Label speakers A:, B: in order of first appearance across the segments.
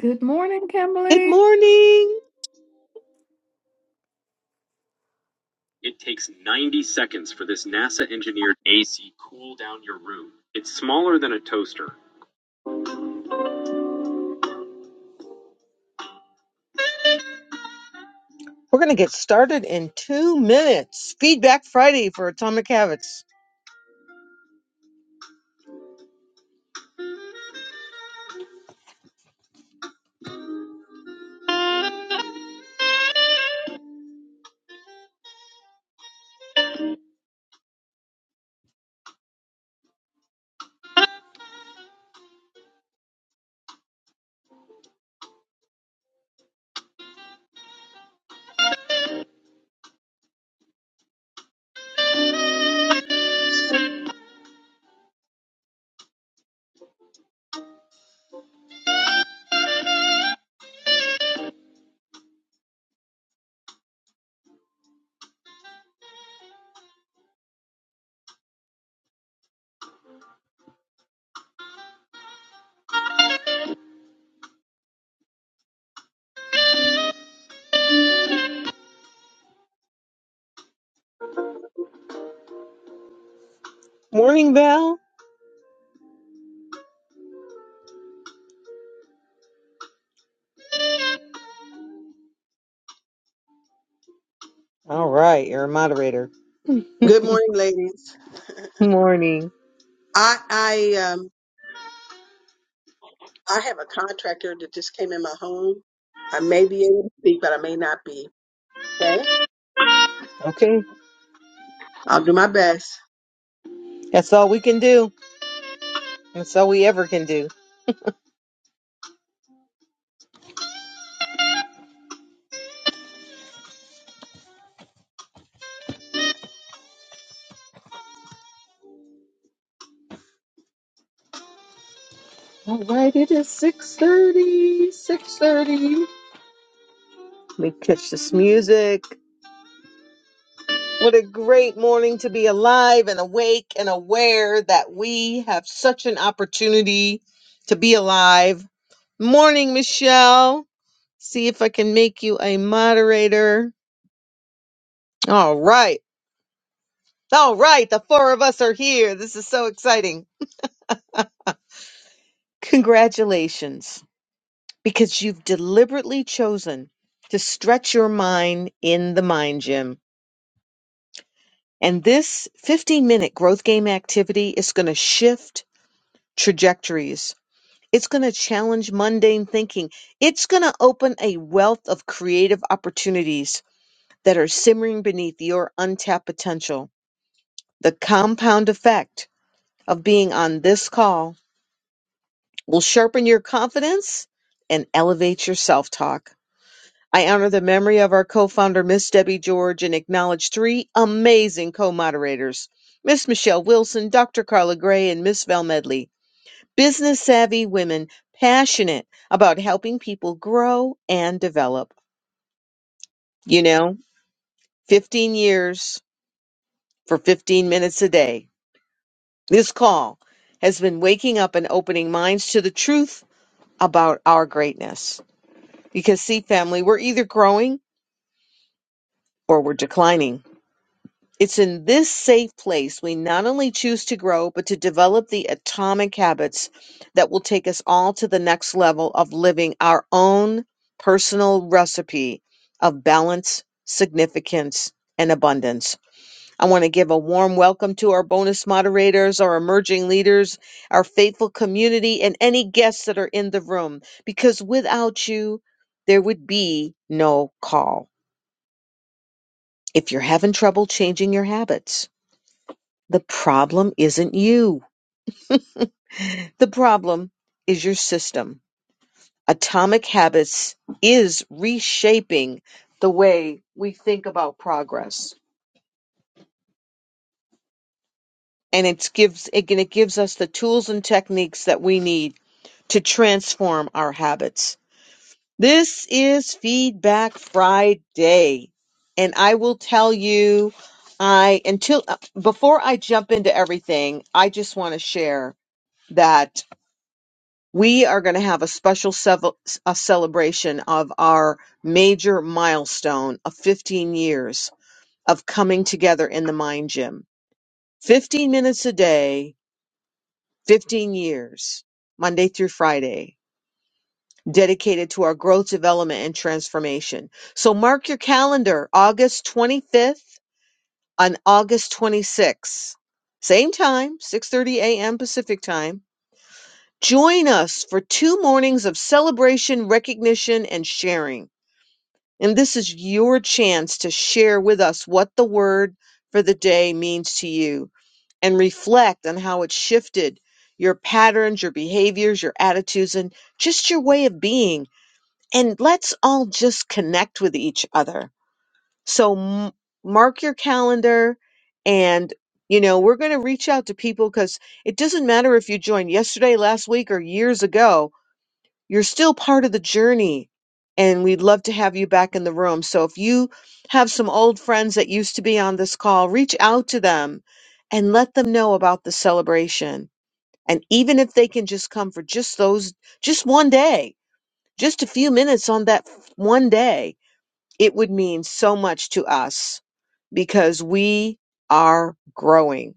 A: Good morning,
B: Good
A: Kimberly.
B: morning. We're going to get started in two minutes. Feedback Friday for Atomic Habits. Morning, Val. All right, you're a moderator.
C: Good morning, ladies.
B: Morning.
C: I I um I have a contractor that just came in my home. I may be able to speak, but I may not be. Okay,
B: Okay,
C: I'll do my best.
B: that's all we can do. That's all we ever can do. All right, it is 6.30, 6.30. Let me catch this music. What a great morning to be alive and awake and aware that we have such an opportunity to be alive. Morning, Michelle. See if I can make you a moderator. All right. All right. The four of us are here. This is so exciting. Congratulations, because you've deliberately chosen to stretch your mind in the mind gym. And this 15 minute growth game activity is going to shift trajectories It's going to challenge mundane thinking. It's going to open a wealth of creative opportunities that are simmering beneath your untapped potential. The compound effect of being on this call will sharpen your confidence and elevate your self talk. I honor the memory of our co founder, Miss Debbie George, and acknowledge three amazing co moderators Miss Michelle Wilson, Dr. Carla Gray, and Miss Val Medley. business savvy women passionate about helping people grow and develop. You know, 15 years for 15 minutes a day. This call has been waking up and opening minds to the truth about our greatness. Because, see, family, we're either growing or we're declining. It's in this safe place we not only choose to grow, but to develop the atomic habits that will take us all to the next level of living our own personal recipe of balance, significance, and abundance. I want to give a warm welcome to our bonus moderators, our emerging leaders, our faithful community, and any guests that are in the room, because without you, there would be no call. If you're having trouble changing your habits, the problem isn't you. The problem is your system. Atomic habits is reshaping the way we think about progress. And it gives it, it gives us the tools and techniques that we need to transform our habits. This is Feedback Friday. And I will tell you I until uh, before I jump into everything, I just want to share that we are going to have a special sev- a celebration of our major milestone of 15 years of coming together in the mind gym. 15 minutes a day, 15 years, Monday through Friday, dedicated to our growth, development, and transformation. So mark your calendar, August 25th and August 26th. Same time, 6:30 a.m. Pacific time. Join us for two mornings of celebration, recognition, and sharing. And this is your chance to share with us what the word for the day means to you and reflect on how it shifted your patterns, your behaviors, your attitudes, and just your way of being. And let's all just connect with each other. So m- mark your calendar and you know, we're going to reach out to people because it doesn't matter if you joined yesterday, last week, or years ago you're still part of the journey and we'd love to have you back in the room. So if you have some old friends that used to be on this call, reach out to them and let them know about the celebration. And even if they can just come for just those, just one day, just a few minutes on that f- one day, it would mean so much to us because we are growing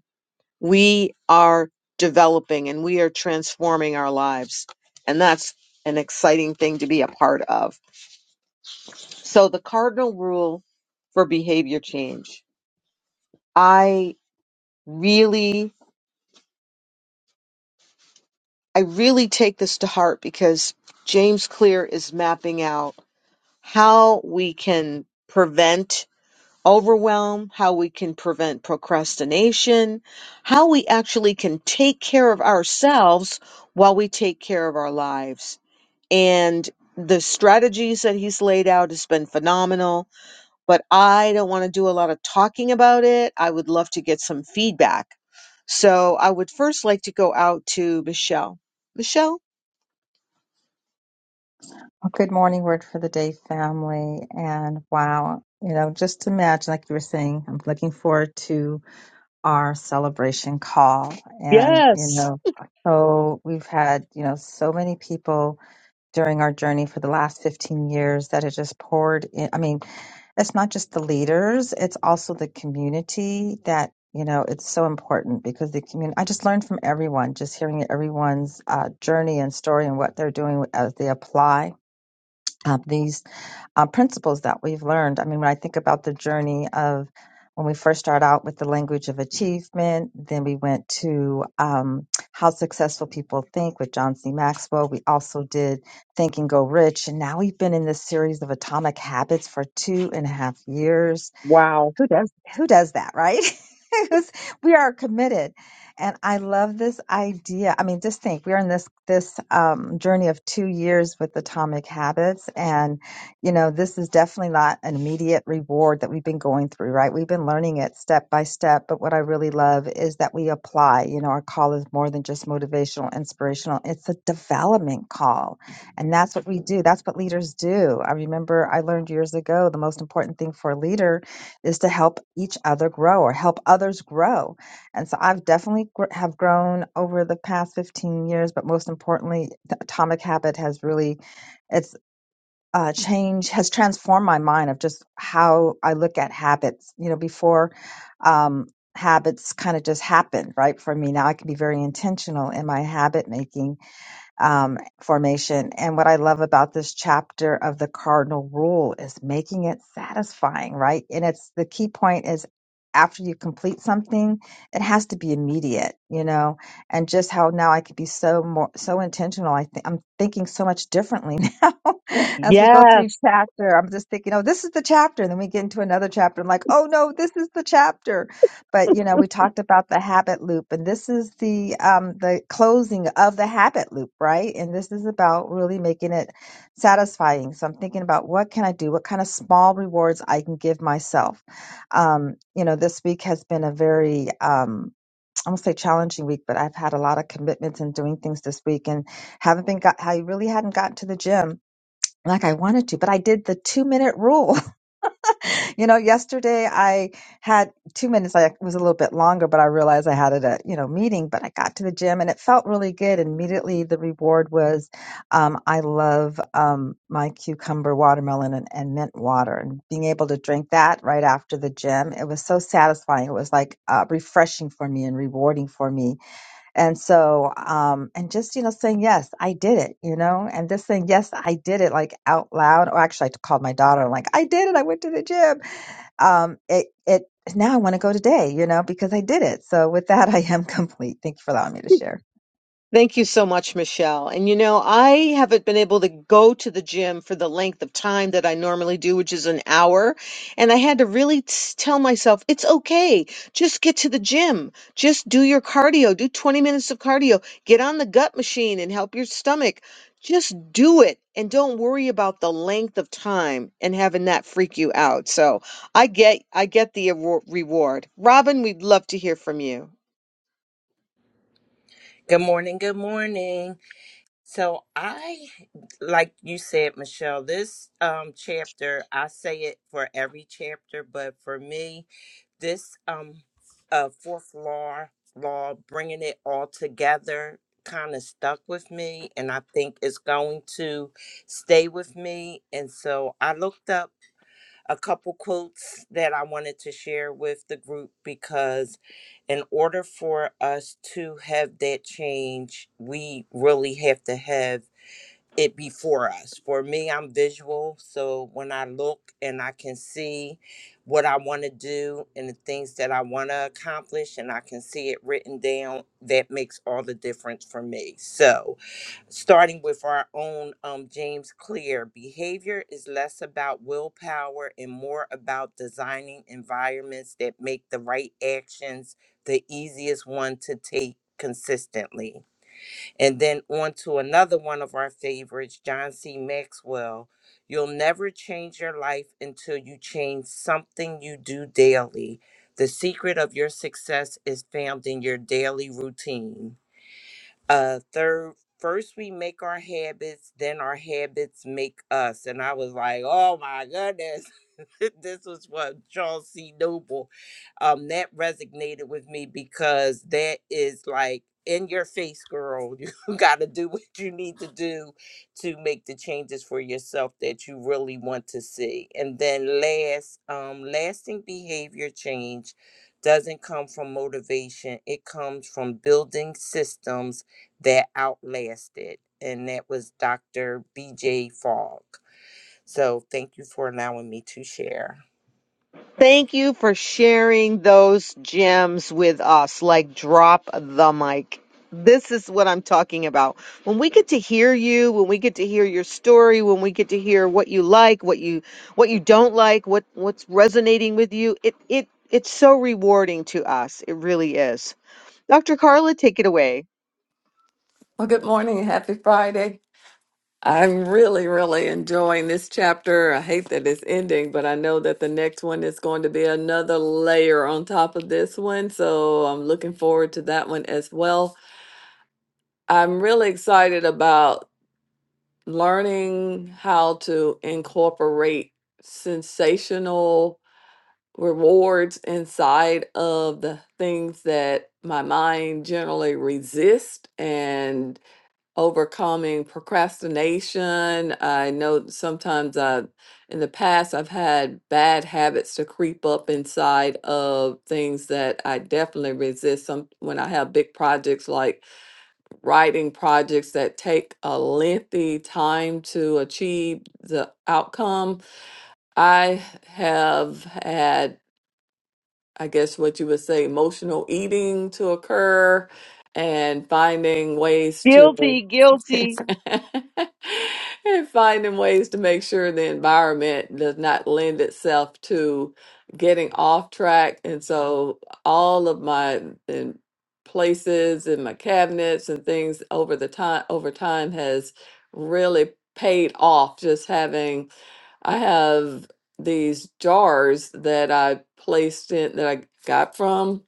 B: we are developing and we are transforming our lives. And that's an exciting thing to be a part of. So, the cardinal rule for behavior change. I really, I really take this to heart because James Clear is mapping out how we can prevent overwhelm, how we can prevent procrastination, how we actually can take care of ourselves while we take care of our lives and the strategies that he's laid out has been phenomenal but i don't want to do a lot of talking about it i would love to get some feedback so i would first like to go out to michelle michelle
D: Well, Good morning, Word for the Day family. And wow, you know, just imagine, like you were saying, I'm looking forward to our celebration call. And, you
B: yes
D: know, so we've had, you know, so many people during our journey for the last 15 years that have just poured in. I mean, it's not just the leaders, it's also the community that. You know, it's so important because the community, I just learned from everyone, just hearing everyone's uh, journey and story and what they're doing as they apply uh, these uh, principles that we've learned. I mean, when I think about the journey of when we first start out with the language of achievement, then we went to um, how successful people think with John C. Maxwell. We also did Think and Go Rich. And now we've been in this series of atomic habits for two and a half years
B: wow
D: who does who does that right 'Cause we are committed and i love this idea i mean just think we're in this this um, journey of two years with atomic habits and you know this is definitely not an immediate reward that we've been going through right we've been learning it step by step but what i really love is that we apply you know our call is more than just motivational inspirational it's a development call and that's what we do that's what leaders do i remember i learned years ago the most important thing for a leader is to help each other grow or help others grow. And so I've definitely gr- have grown over the past 15 years, but most importantly, the Atomic Habit has really it's uh, change has transformed my mind of just how I look at habits. You know, before um, habits kind of just happened, right? For me now, I can be very intentional in my habit making um, formation. And what I love about this chapter of the cardinal rule is making it satisfying, right? And it's the key point is after you complete something, it has to be immediate, you know, and just how now I could be so more, so intentional. I think I'm thinking so much differently now as we go through
B: yes
D: each chapter. I'm just thinking, oh, this is the chapter. And then we get into another chapter. I'm like, oh no, this is the chapter but you know we talked about the habit loop and this is the um the closing of the habit loop right and this is about really making it satisfying so i'm thinking about what can i do what kind of small rewards i can give myself um you know this week has been a very um I won't say challenging week, but I've had a lot of commitments and doing things this week and haven't been got, I really hadn't gotten to the gym like I wanted to, but I did the two minute rule you know, yesterday I had two minutes. I it was a little bit longer, but I realized I had it at you know meeting. But I got to the gym and it felt really good. And immediately the reward was, um, I love um, my cucumber, watermelon, and, and mint water. And being able to drink that right after the gym, it was so satisfying. It was like uh, refreshing for me and rewarding for me. And so, um, and just you know saying yes, I did it. You know, and just saying yes, I did it like out loud. Or actually, I called my daughter. like I did it. I went to the gym um, it it now I want to go today, you know, because I did it. So with that, I am complete. Thank you for allowing me to share.
B: Thank you so much, Michelle. And you know, I haven't been able to go to the gym for the length of time that I normally do, which is an hour. And I had to really t- tell myself, it's okay. Just get to the gym. Just do your cardio. Do 20 minutes of cardio. Get on the gut machine and help your stomach. Just do it and don't worry about the length of time and having that freak you out. So I get I get the awar- reward. Robin, we'd love to hear from you.
E: Good morning. Good morning. So I, like you said, Michelle, this um, chapter, I say it for every chapter, but for me, this um, uh, fourth law, law, bringing it all together kind of stuck with me and I think it's going to stay with me. And so I looked up a couple quotes that I wanted to share with the group because, in order for us to have that change, we really have to have it before us. For me, I'm visual, so when I look and I can see what I want to do and the things that I want to accomplish, and I can see it written down, that makes all the difference for me. So, starting with our own um, James Clear, behavior is less about willpower and more about designing environments that make the right actions the easiest one to take consistently. And then on to another one of our favorites, John C. Maxwell. You'll never change your life until you change something you do daily. The secret of your success is found in your daily routine uh third first we make our habits then our habits make us and i was like oh my goodness this was from Charles C. Noble. Um, that resonated with me because that is like in your face, girl. You got to do what you need to do to make the changes for yourself that you really want to see. And then last, um, lasting behavior change doesn't come from motivation. It comes from building systems that outlast it. And that was Dr. BJ Fogg. So thank you for allowing me to share.
B: Thank you for sharing those gems with us. Like, drop the mic. This is what I'm talking about. When we get to hear you, when we get to hear your story, when we get to hear what you like, what you what you don't like, what what's resonating with you, it it it's so rewarding to us. It really is. Dr. Carla, take it away.
A: Well, good morning. Happy Friday. I'm really, really enjoying this chapter. I hate that it's ending, but I know that the next one is going to be another layer on top of this one. So I'm looking forward to that one as well. I'm really excited about learning how to incorporate sensational rewards inside of the things that my mind generally resists and overcoming procrastination. I know sometimes I, in the past, I've had bad habits to creep up inside of things that I definitely resist. Some when I have big projects like writing projects that take a lengthy time to achieve the outcome. I have had I guess what you would say, emotional eating to occur and finding ways to
B: Guilty,
A: and
B: guilty.
A: finding ways to make sure the environment does not lend itself to getting off track. And so all of my in places and my cabinets and things over the time over time has really paid off just having I have these jars that I placed in that I got from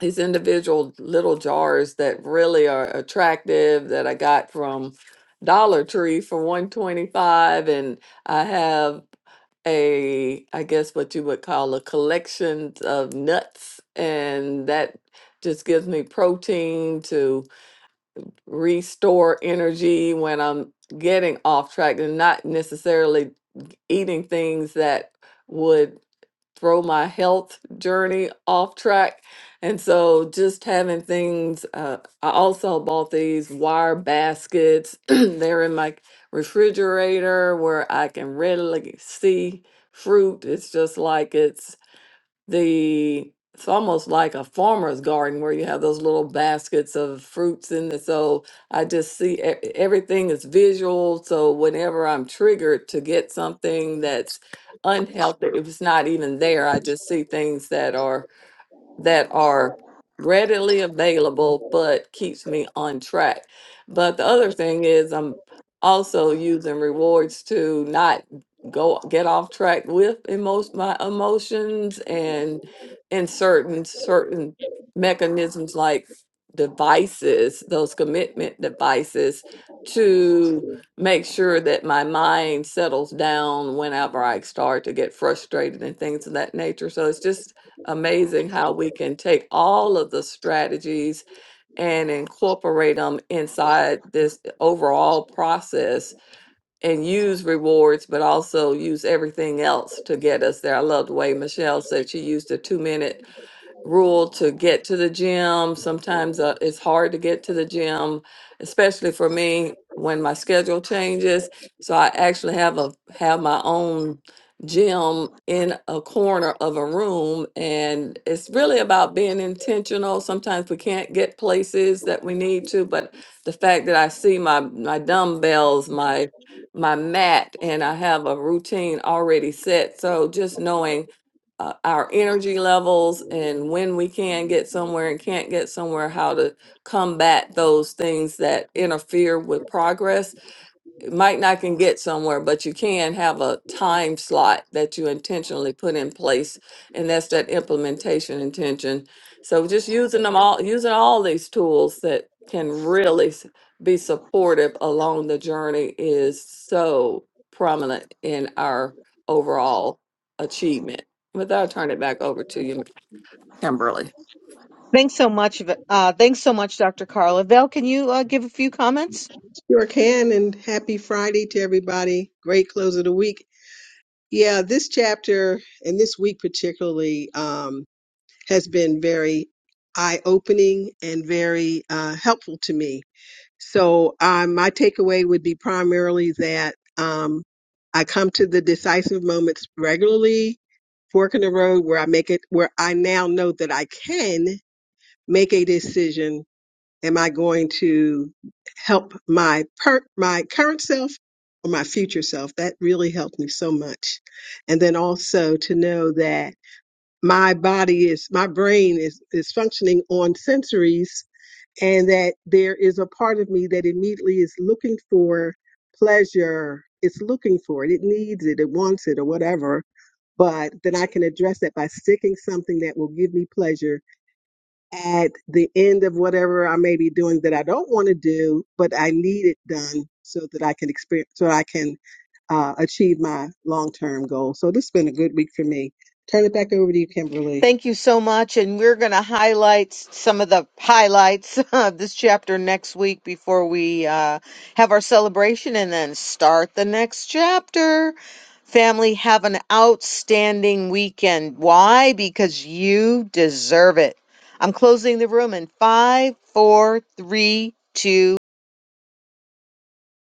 A: these individual little jars that really are attractive that I got from Dollar Tree for 125 and I have a I guess what you would call a collection of nuts and that just gives me protein to restore energy when I'm getting off track and not necessarily eating things that would throw my health journey off track. And so just having things, uh, I also bought these wire baskets. They're in my refrigerator where I can readily see fruit. It's just like it's the it's almost like a farmer's garden where you have those little baskets of fruits in it. So I just see e- e-, everything is visual. So whenever I'm triggered to get something that's unhealthy, if it's not even there, I just see things that are that are readily available but keeps me on track. But the other thing is I'm also using rewards to not go get off track with emo- my emotions and in certain certain mechanisms like devices, those commitment devices to make sure that my mind settles down whenever I start to get frustrated and things of that nature. So it's just amazing how we can take all of the strategies and incorporate them inside this overall process and use rewards, but also use everything else to get us there. I love the way Michelle said she used a two minute rule to get to the gym. Sometimes uh, it's hard to get to the gym, especially for me when my schedule changes. So I actually have a have my own gym in a corner of a room and it's really about being intentional. Sometimes we can't get places that we need to, but the fact that I see my my dumbbells, my my mat and I have a routine already set. So just knowing uh, our energy levels and when we can get somewhere and can't get somewhere, how to combat those things that interfere with progress might not can get somewhere, but you can have a time slot that you intentionally put in place, and that's that implementation intention. So just using them all, using all these tools that can really s- be supportive along the journey is so prominent in our overall achievement. With that, I'll turn it back over to you, Kimberly.
B: Thanks so much. V- Uh, thanks so much, Dr. Carla. Val, can you uh, give a few comments?
C: Sure can, and happy Friday to everybody. Great close of the week. Yeah, this chapter and this week particularly um, has been very eye opening and very uh, helpful to me So um, my takeaway would be primarily that um, I come to the decisive moments regularly, fork in the road where I make it, where I now know that I can make a decision. Am I going to help my per- my current self or my future self? That really helped me so much. And then also to know that my body is, my brain is is functioning on sensories and that there is a part of me that immediately is looking for pleasure. It's looking for it. It needs it. It wants it or whatever. But then I can address that by sticking something that will give me pleasure at the end of whatever I may be doing that I don't want to do, but I need it done so that I can experience, so I can uh, achieve my long term goal. So this has been a good week for me. Turn it back over to you, Kimberly.
B: Thank you so much. And we're going to highlight some of the highlights of this chapter next week before we uh, have our celebration and then start the next chapter. Family, have an outstanding weekend. Why? Because you deserve it. I'm closing the room in five, four, three, two.